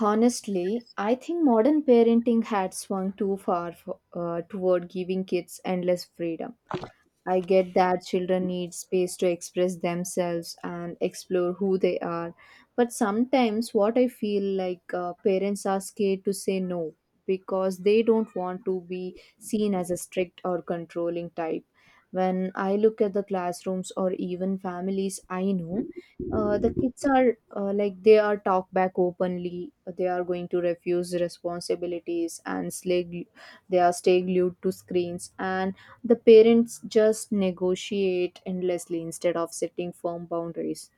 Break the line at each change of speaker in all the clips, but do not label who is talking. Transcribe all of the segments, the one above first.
Honestly, I think modern parenting had swung too far for, toward giving kids endless freedom. I get that children need space to express themselves and explore who they are. But sometimes, what I feel like parents are scared to say no because they don't want to be seen as a strict or controlling type. When I look at the classrooms or even families I know, the kids are like they are talk back openly. They are going to refuse responsibilities and they are stay glued to screens and the parents just negotiate endlessly instead of setting firm boundaries.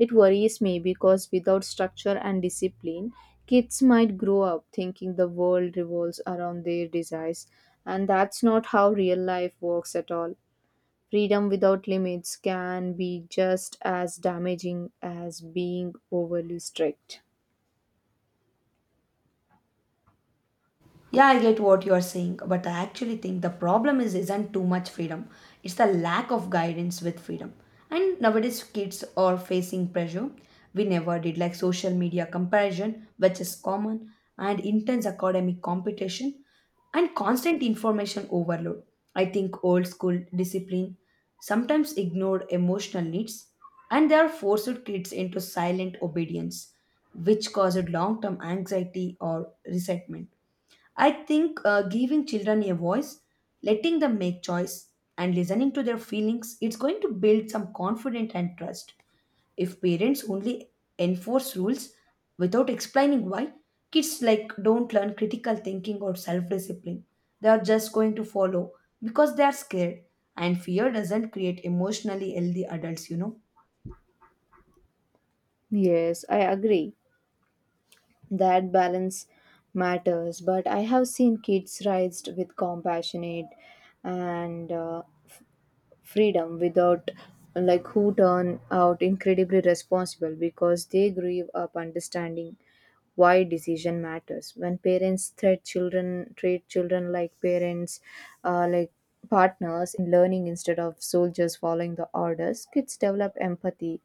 It worries me because without structure and discipline, kids might grow up thinking the world revolves around their desires, and that's not how real life works at all. Freedom without limits can be just as damaging as being overly strict.
Yeah, I get what you are saying, but I actually think the problem is isn't too much freedom. It's the lack of guidance with freedom. And nowadays kids are facing pressure we never did like social media comparison which is common and intense academic competition and constant information overload. I think old school discipline sometimes ignored emotional needs and they are forced kids into silent obedience which caused long-term anxiety or resentment. I think giving children a voice, letting them make choice, and listening to their feelings, it's going to build some confidence and trust. If parents only enforce rules without explaining why, kids like don't learn critical thinking or self-discipline. They are just going to follow because they are scared, and fear doesn't create emotionally healthy adults.
Yes, I agree. That balance matters but I have seen kids raised with compassionate and freedom without like who turn out incredibly responsible because they grew up understanding why decision matters when parents treat children like parents like partners in learning instead of soldiers following the orders kids develop empathy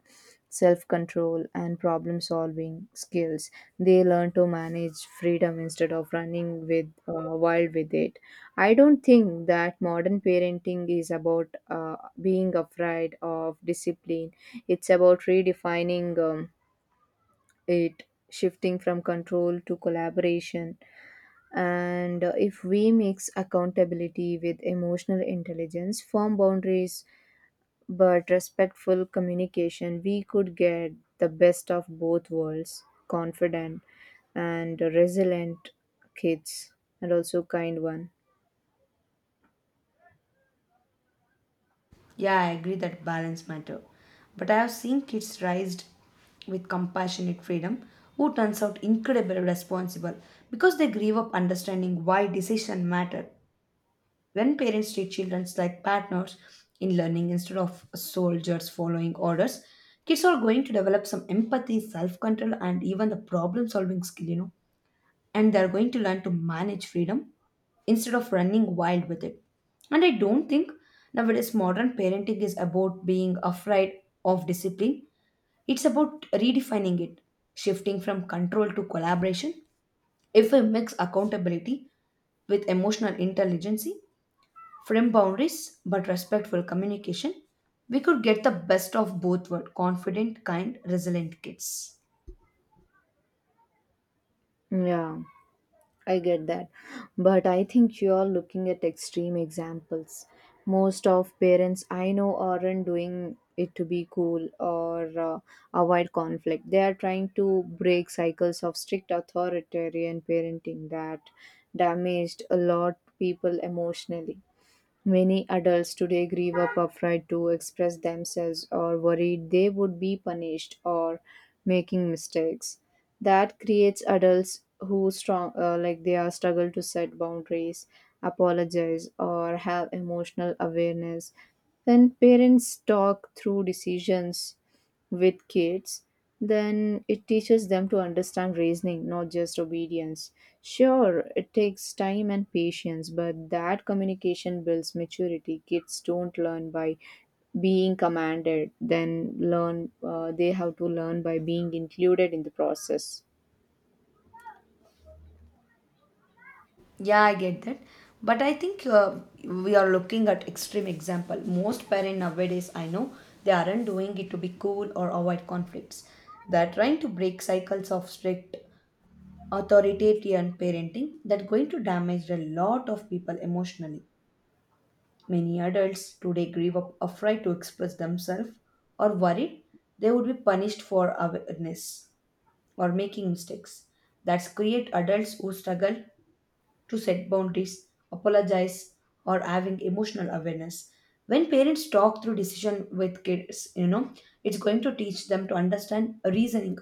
self control and problem solving skills they learn to manage freedom instead of running with wild with it I don't think that modern parenting is about being afraid of discipline it's about redefining it shifting from control to collaboration and if we mix accountability with emotional intelligence firm boundaries but respectful communication we could get the best of both worlds confident and resilient kids and also kind one
Yeah, I agree that balance matter. But I have seen kids raised with compassionate freedom who turns out incredibly responsible because they grew up understanding why decision matter. When parents treat children like partners in learning instead of soldiers following orders, kids are going to develop some empathy, self-control and even the problem-solving skill, and they're going to learn to manage freedom instead of running wild with it. And I don't think nowadays modern parenting is about being afraid of discipline, it's about redefining it, shifting from control to collaboration. If we mix accountability with emotional intelligence, firm boundaries but respectful communication, we could get the best of both world confident, kind, resilient kids.
yeah I get that. But I think you are looking at extreme examples. Most of parents I know aren't doing it to be cool or avoid conflict. They are trying to break cycles of strict authoritarian parenting that damaged a lot people emotionally. Many adults today grieve up afraid to express themselves or worried they would be punished or making mistakes. That creates adults who strong like they are struggle to set boundaries, apologize or have emotional awareness. When parents talk through decisions with kids, then it teaches them to understand reasoning, not just obedience. Sure, it takes time and patience, but that communication builds maturity. Kids don't learn by being commanded, then learn, they have to learn by being included in the process.
Yeah, I get that. But I think we are looking at extreme example. Most parents nowadays, I know, they aren't doing it to be cool or avoid conflicts. They're trying to break cycles of strict authoritarian parenting that going to damage a lot of people emotionally. Many adults today grieve up afraid to express themselves or worried they would be punished for awareness or making mistakes. That's create adults who struggle to set boundaries, apologize, or having emotional awareness. When parents talk through decision with kids, it's going to teach them to understand reasoning,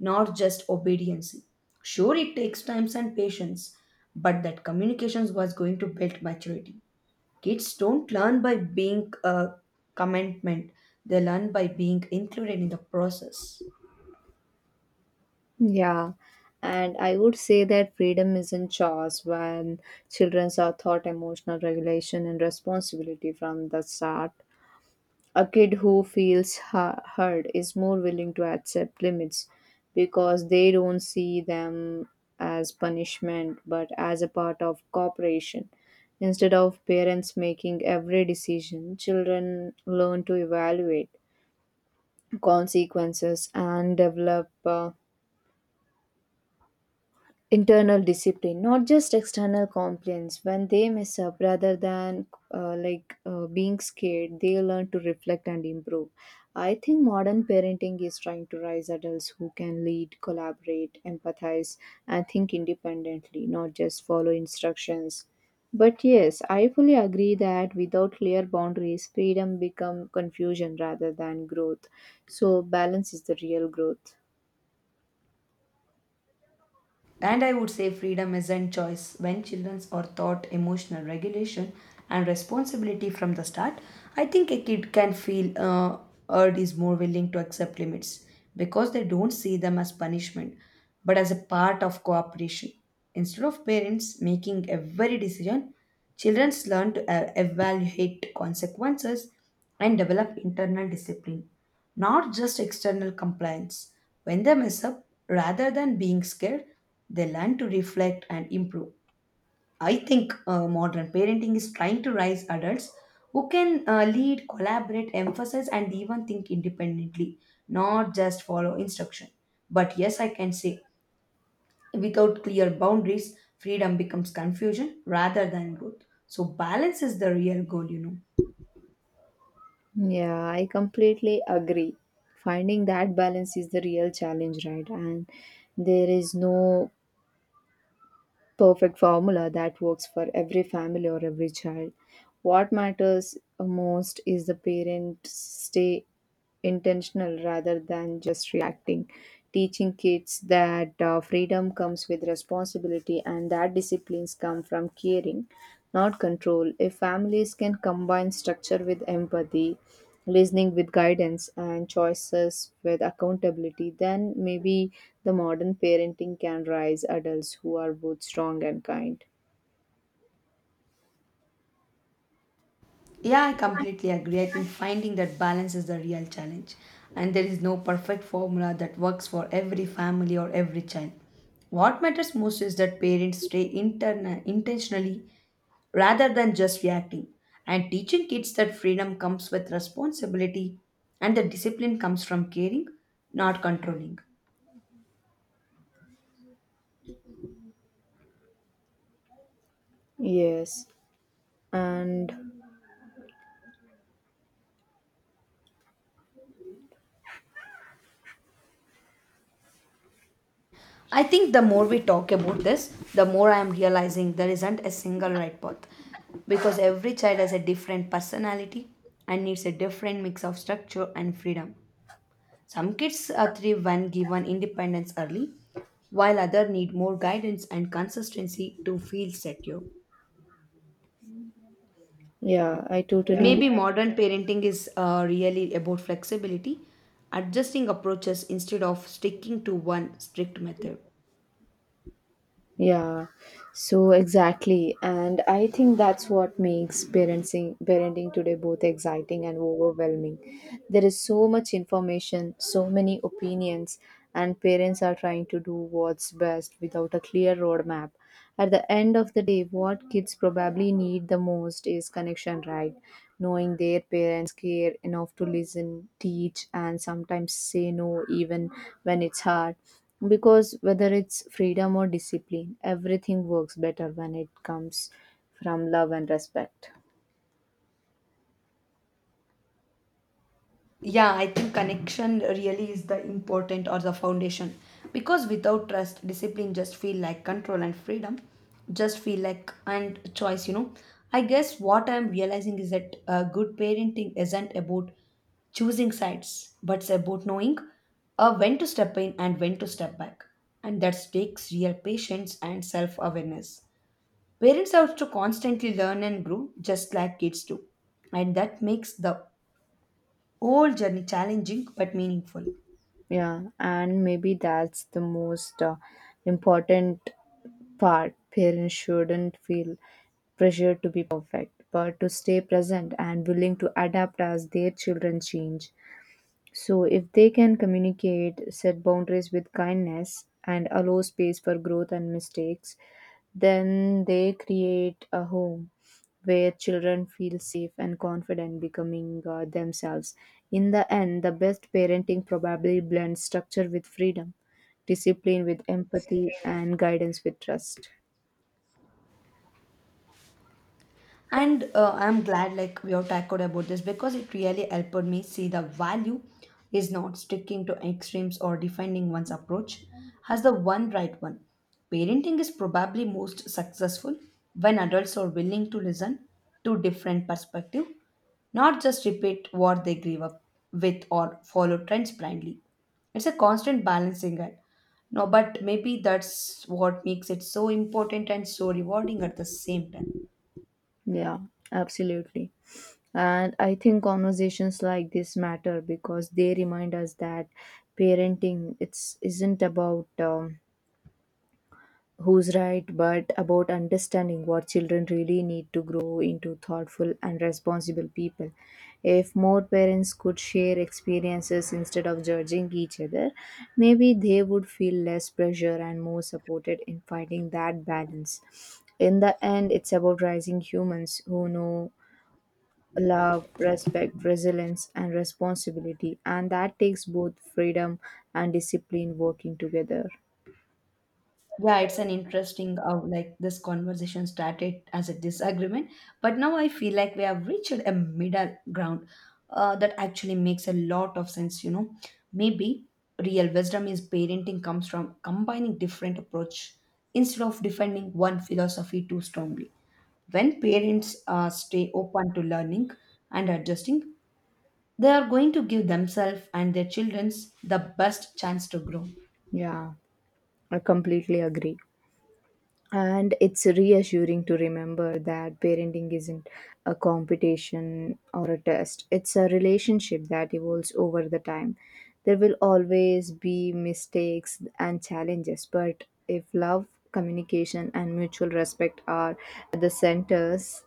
not just obedience. Sure, it takes time and patience, but that communications was going to build maturity. Kids don't learn by being a commitment; they learn by being included in the process.
Yeah. And I would say that freedom is not chores when children are taught emotional regulation and responsibility from the start. A kid who feels heard is more willing to accept limits because they don't see them as punishment but as a part of cooperation. Instead of parents making every decision, children learn to evaluate consequences and develop internal discipline not just external complaints when they mess up rather than being scared they learn to reflect and improve I think modern parenting is trying to raise adults who can lead collaborate empathize and think independently not just follow instructions but yes I fully agree that without clear boundaries freedom become confusion rather than growth so balance is the real growth
And I would say freedom isn't choice. When children are taught emotional regulation and responsibility from the start, I think a kid can feel urged is more willing to accept limits because they don't see them as punishment but as a part of cooperation. Instead of parents making every decision, children learn to evaluate consequences and develop internal discipline not just external compliance. When they mess up, rather than being scared, they learn to reflect and improve. I think modern parenting is trying to raise adults who can lead, collaborate, emphasize, and even think independently, not just follow instruction. But yes, I can say without clear boundaries, freedom becomes confusion rather than growth. So, balance is the real goal.
Yeah, I completely agree. Finding that balance is the real challenge, right? And there is no perfect formula that works for every family or every child. What matters most is the parents stay intentional rather than just reacting, teaching kids that freedom comes with responsibility and that disciplines come from caring, not control. If families can combine structure with empathy, listening with guidance, and choices with accountability, then maybe the modern parenting can raise adults who are both strong and kind.
Yeah, I completely agree. I think finding that balance is the real challenge. And there is no perfect formula that works for every family or every child. What matters most is that parents stay intentionally rather than just reacting and teaching kids that freedom comes with responsibility and that discipline comes from caring, not controlling.
Yes, and
I think the more we talk about this, the more I am realizing there isn't a single right path because every child has a different personality and needs a different mix of structure and freedom. Some kids are thrive when given independence early, while others need more guidance and consistency to feel secure.
yeah, I
Yeah,
totally.
maybe modern parenting is really about flexibility, adjusting approaches instead of sticking to one strict method.
Yeah, so exactly. And I think that's what makes parenting today both exciting and overwhelming. There is so much information, so many opinions, and parents are trying to do what's best without a clear roadmap. At the end of the day, what kids probably need the most is connection, right? Knowing their parents care enough to listen, teach, and sometimes say no even when it's hard because whether it's freedom or discipline, everything works better when it comes from love and respect.
Yeah, I think connection really is the important or the foundation because without trust, discipline just feel like control and freedom just feel like and choice. I guess what I'm realizing is that good parenting isn't about choosing sides, but it's about knowing when to step in and when to step back. And that takes real patience and self awareness. Parents have to constantly learn and grow, just like kids do. And that makes the whole journey challenging but meaningful.
Yeah, and maybe that's the most important part. Parents shouldn't feel pressure to be perfect, but to stay present and willing to adapt as their children change. So, if they can communicate, set boundaries with kindness, and allow space for growth and mistakes, then they create a home where children feel safe and confident becoming themselves. In the end, the best parenting probably blends structure with freedom, discipline with empathy, and guidance with trust.
And I'm glad like we have tackled about this because it really helped me see the value is not sticking to extremes or defending one's approach as the one right one. Parenting is probably most successful when adults are willing to listen to different perspective, not just repeat what they grew up with or follow trends blindly. It's a constant balancing act, no, but maybe that's what makes it so important and so rewarding at the same time.
Yeah, absolutely. And I think conversations like this matter because they remind us that parenting it's isn't about who's right, but about understanding what children really need to grow into thoughtful and responsible people. If more parents could share experiences instead of judging each other, maybe they would feel less pressure and more supported in finding that balance. In the end, it's about raising humans who know love, respect, resilience, and responsibility. And that takes both freedom and discipline working together.
Yeah, it's an interesting like this conversation started as a disagreement, but now I feel like we have reached a middle ground that actually makes a lot of sense. Maybe real wisdom is parenting comes from combining different approach instead of defending one philosophy too strongly. When parents stay open to learning and adjusting, they are going to give themselves and their children the best chance to grow.
Yeah, I completely agree. And it's reassuring to remember that parenting isn't a competition or a test, it's a relationship that evolves over the time. There will always be mistakes and challenges, but if love, communication, and mutual respect are the centers,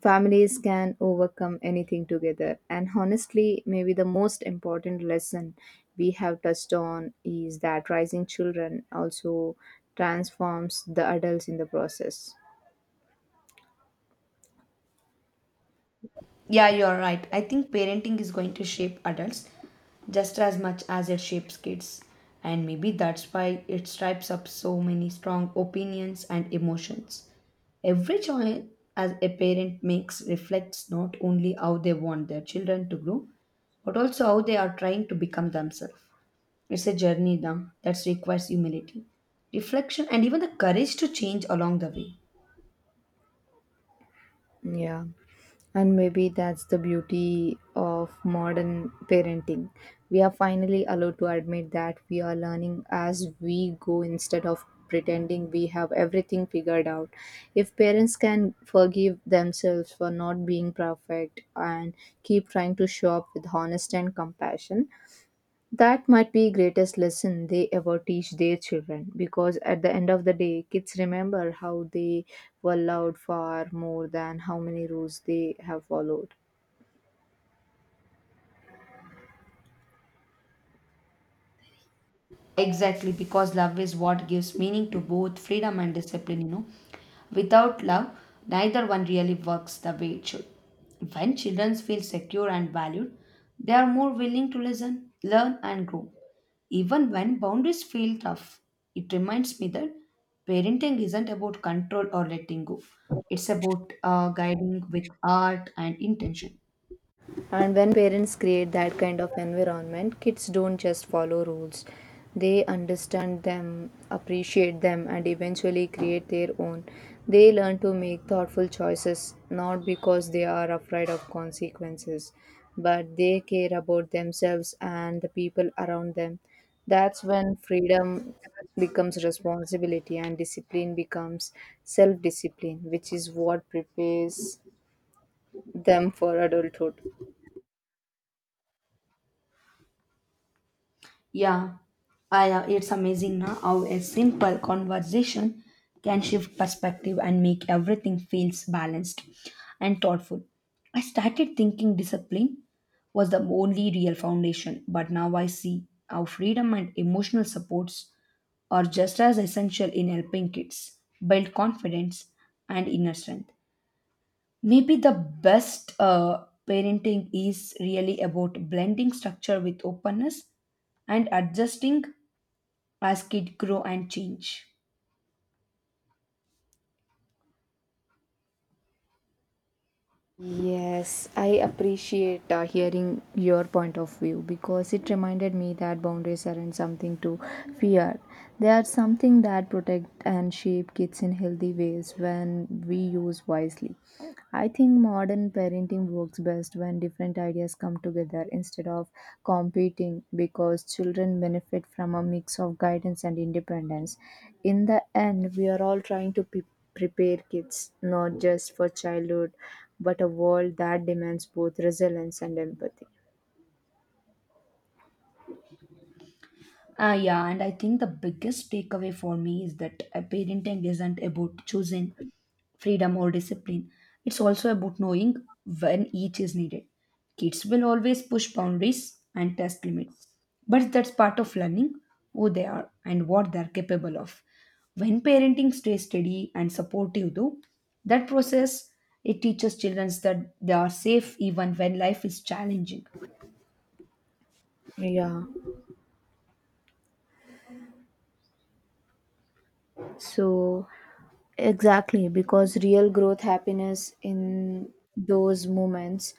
families can overcome anything together. And honestly, maybe the most important lesson we have touched on is that raising children also transforms the adults in the process.
Yeah, you're right. I think parenting is going to shape adults just as much as it shapes kids. And maybe that's why it stripes up so many strong opinions and emotions. Every choice as a parent makes reflects not only how they want their children to grow, but also how they are trying to become themselves. It's a journey now that requires humility, reflection, and even the courage to change along the way.
Yeah. And maybe that's the beauty of modern parenting. We are finally allowed to admit that we are learning as we go instead of pretending we have everything figured out. If parents can forgive themselves for not being perfect and keep trying to show up with honesty and compassion, that might be greatest lesson they ever teach their children because at the end of the day kids remember how they were loved far more than how many rules they have followed.
Exactly, because love is what gives meaning to both freedom and discipline. Without love, neither one really works the way it should. When children feel secure and valued, they are more willing to listen, learn, and grow. Even when boundaries feel tough, it reminds me that parenting isn't about control or letting go, it's about guiding with art and intention.
And when parents create that kind of environment, kids don't just follow rules, they understand them, appreciate them, and eventually create their own. They learn to make thoughtful choices not because they are afraid of consequences, but they care about themselves and the people around them. That's when freedom becomes responsibility and discipline becomes self discipline, which is what prepares them for adulthood.
Yeah, it's amazing now how a simple conversation can shift perspective and make everything feels balanced and thoughtful. I started thinking discipline was the only real foundation, but now I see how freedom and emotional supports are just as essential in helping kids build confidence and inner strength. Maybe the best parenting is really about blending structure with openness and adjusting as kids grow and change.
Yes, I appreciate hearing your point of view because it reminded me that boundaries aren't something to fear. They are something that protect and shape kids in healthy ways when we use wisely. I think modern parenting works best when different ideas come together instead of competing because children benefit from a mix of guidance and independence. In the end, we are all trying to prepare kids not just for childhood but a world that demands both resilience and empathy.
Ah, yeah, and I think the biggest takeaway for me is that parenting isn't about choosing freedom or discipline. It's also about knowing when each is needed. Kids will always push boundaries and test limits, but that's part of learning who they are and what they're capable of. When parenting stays steady and supportive, though, that process it teaches children that they are safe even when life is challenging.
Yeah. So exactly because real growth happiness in those moments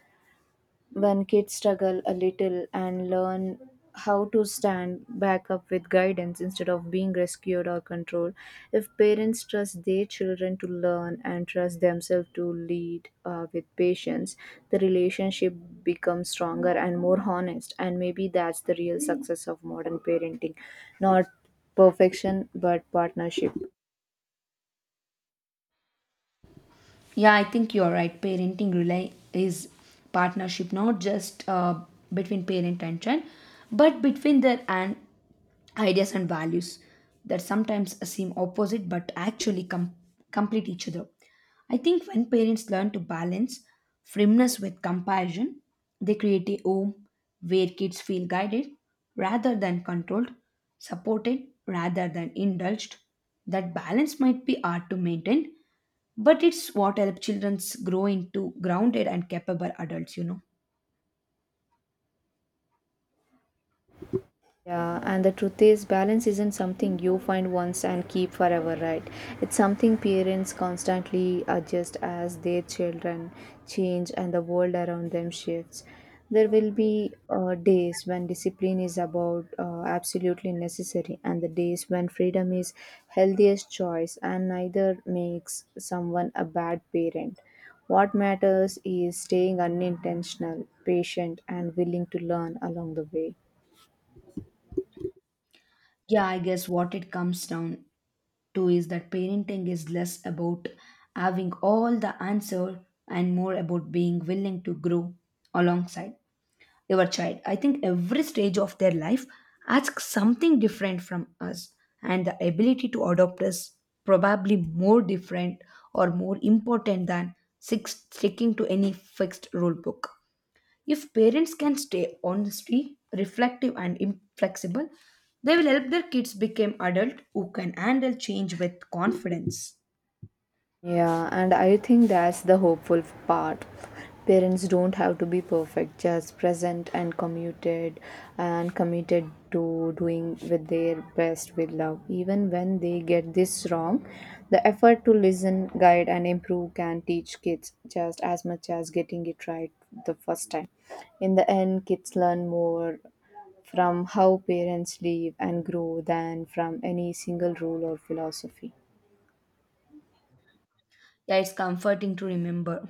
when kids struggle a little and learn how to stand back up with guidance instead of being rescued or controlled if parents trust their children to learn and trust themselves to lead with patience the relationship becomes stronger and more honest and maybe that's the real success of modern parenting not perfection but partnership.
Yeah, I think you're right. Parenting rely is partnership, not just between parent and child, but between their and ideas and values that sometimes seem opposite but actually complete each other. I think when parents learn to balance firmness with compassion, they create a home where kids feel guided rather than controlled, supported rather than indulged. That balance might be hard to maintain, but it's what helps children grow into grounded and capable adults.
Yeah, and the truth is, balance isn't something you find once and keep forever, right? It's something parents constantly adjust as their children change and the world around them shifts. There will be days when discipline is about absolutely necessary, and the days when freedom is healthiest choice, and neither makes someone a bad parent. What matters is staying unintentional, patient, and willing to learn along the way.
Yeah, I guess what it comes down to is that parenting is less about having all the answer and more about being willing to grow alongside your child. I think every stage of their life asks something different from us, and the ability to adopt is probably more different or more important than six, sticking to any fixed rule book. If parents can stay honestly, reflective, and inflexible, they will help their kids become adults who can handle change with confidence.
Yeah, and I think that's the hopeful part. Parents don't have to be perfect, just present and committed to doing with their best with love. Even when they get this wrong, the effort to listen, guide and improve can teach kids just as much as getting it right the first time. In the end, kids learn more from how parents live and grow than from any single rule or philosophy.
Yeah, it's comforting to remember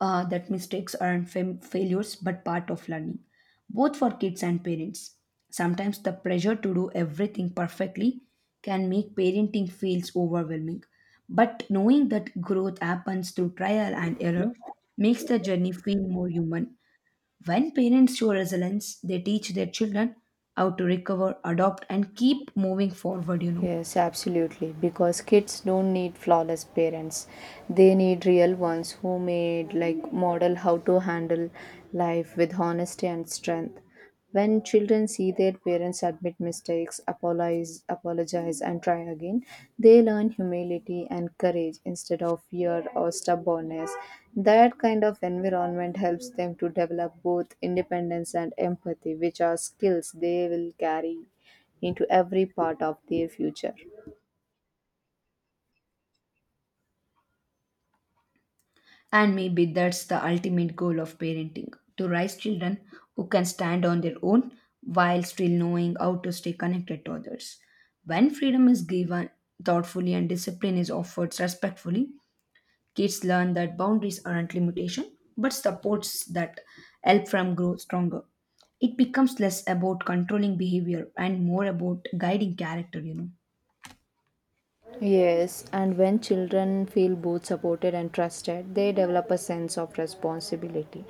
that mistakes aren't failures but part of learning, both for kids and parents. Sometimes the pressure to do everything perfectly can make parenting feels overwhelming. But knowing that growth happens through trial and error makes the journey feel more human. When parents show resilience, they teach their children how to recover, adopt, and keep moving forward.
Yes, absolutely. Because kids don't need flawless parents. They need real ones who made like model how to handle life with honesty and strength. When children see their parents admit mistakes, apologize and try again, they learn humility and courage instead of fear or stubbornness. That kind of environment helps them to develop both independence and empathy, which are skills they will carry into every part of their future.
And maybe that's the ultimate goal of parenting to raise children who can stand on their own while still knowing how to stay connected to others. When freedom is given thoughtfully and discipline is offered respectfully, kids learn that boundaries aren't limitation, but supports that help them grow stronger. It becomes less about controlling behavior and more about guiding character.
Yes, and when children feel both supported and trusted, they develop a sense of responsibility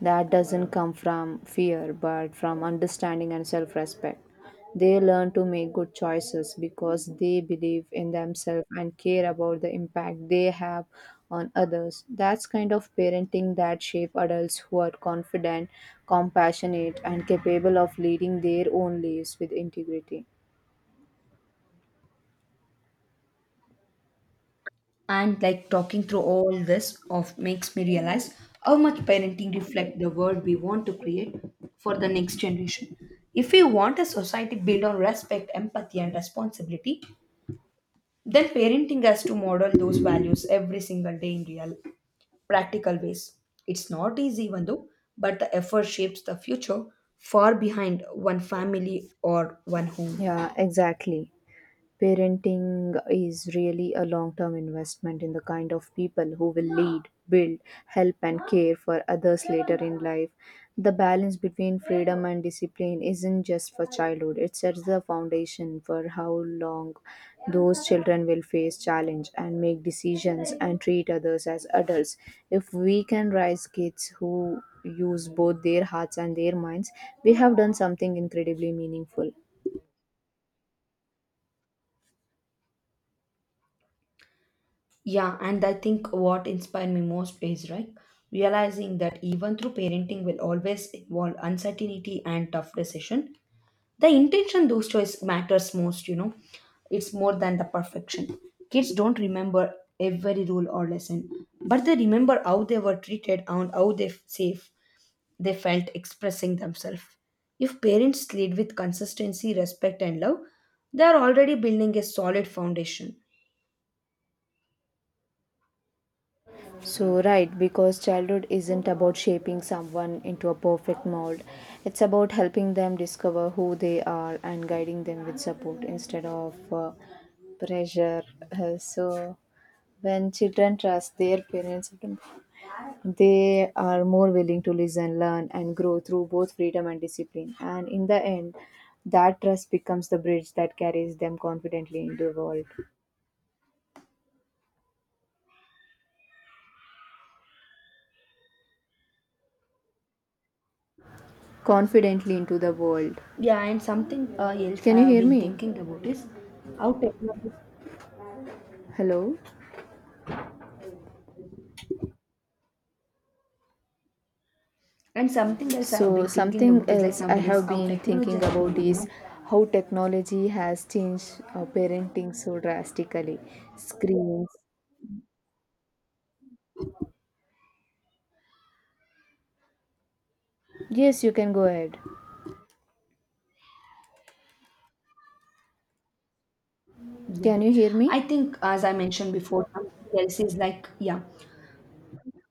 that doesn't come from fear but from understanding and self respect. They learn to make good choices because they believe in themselves and care about the impact they have on others. That's kind of parenting that shape adults who are confident, compassionate, and capable of leading their own lives with integrity.
And like talking through all this of makes me realize how much parenting reflects the world we want to create for the next generation. If we want a society built on respect, empathy, and responsibility, then parenting has to model those values every single day in real practical ways. It's not easy, even though, but the effort shapes the future far behind one family or one home.
Yeah, exactly. Parenting is really a long term investment in the kind of people who will lead, build, help, and care for others later in life. The balance between freedom and discipline isn't just for childhood, it sets the foundation for how long those children will face challenge and make decisions and treat others as adults. If we can raise kids who use both their hearts and their minds, we have done something incredibly meaningful.
Yeah, and I think what inspired me most is right realizing that even through parenting will always involve uncertainty and tough decision. The intention those choice matters most, you know. It's more than the perfection. Kids don't remember every rule or lesson, but they remember how they were treated and how they safe they felt expressing themselves. If parents lead with consistency, respect, and love, they are already building a solid foundation.
So, right, because childhood isn't about shaping someone into a perfect mold. It's about helping them discover who they are and guiding them with support instead of pressure. So, when children trust their parents, they are more willing to listen, learn, and grow through both freedom and discipline. And in the end, that trust becomes the bridge that carries them confidently into the world. Confidently into the world.
Yeah, and something else I
Can you
have
hear
been
me?
thinking about is how technology,
Hello?
and something else I have
So,
been thinking
something
about is like
else I
nowadays
have
how
been
technology
thinking
has been,
about
you
is
know.
how technology has changed parenting so drastically. Screens. Yes, you can go ahead.
Yeah,
Can you hear
I
me?
think as I mentioned before, something else is like yeah,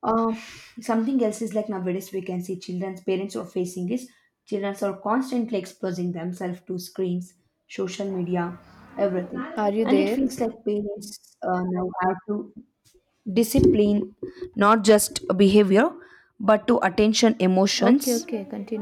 Uh, something else is like nowadays we can see children's parents are facing is children are constantly exposing themselves to screens, social media, everything.
Are you
And it
there?
feels like parents now have to discipline not just behavior but to attention
Okay,
emotions
okay, continue.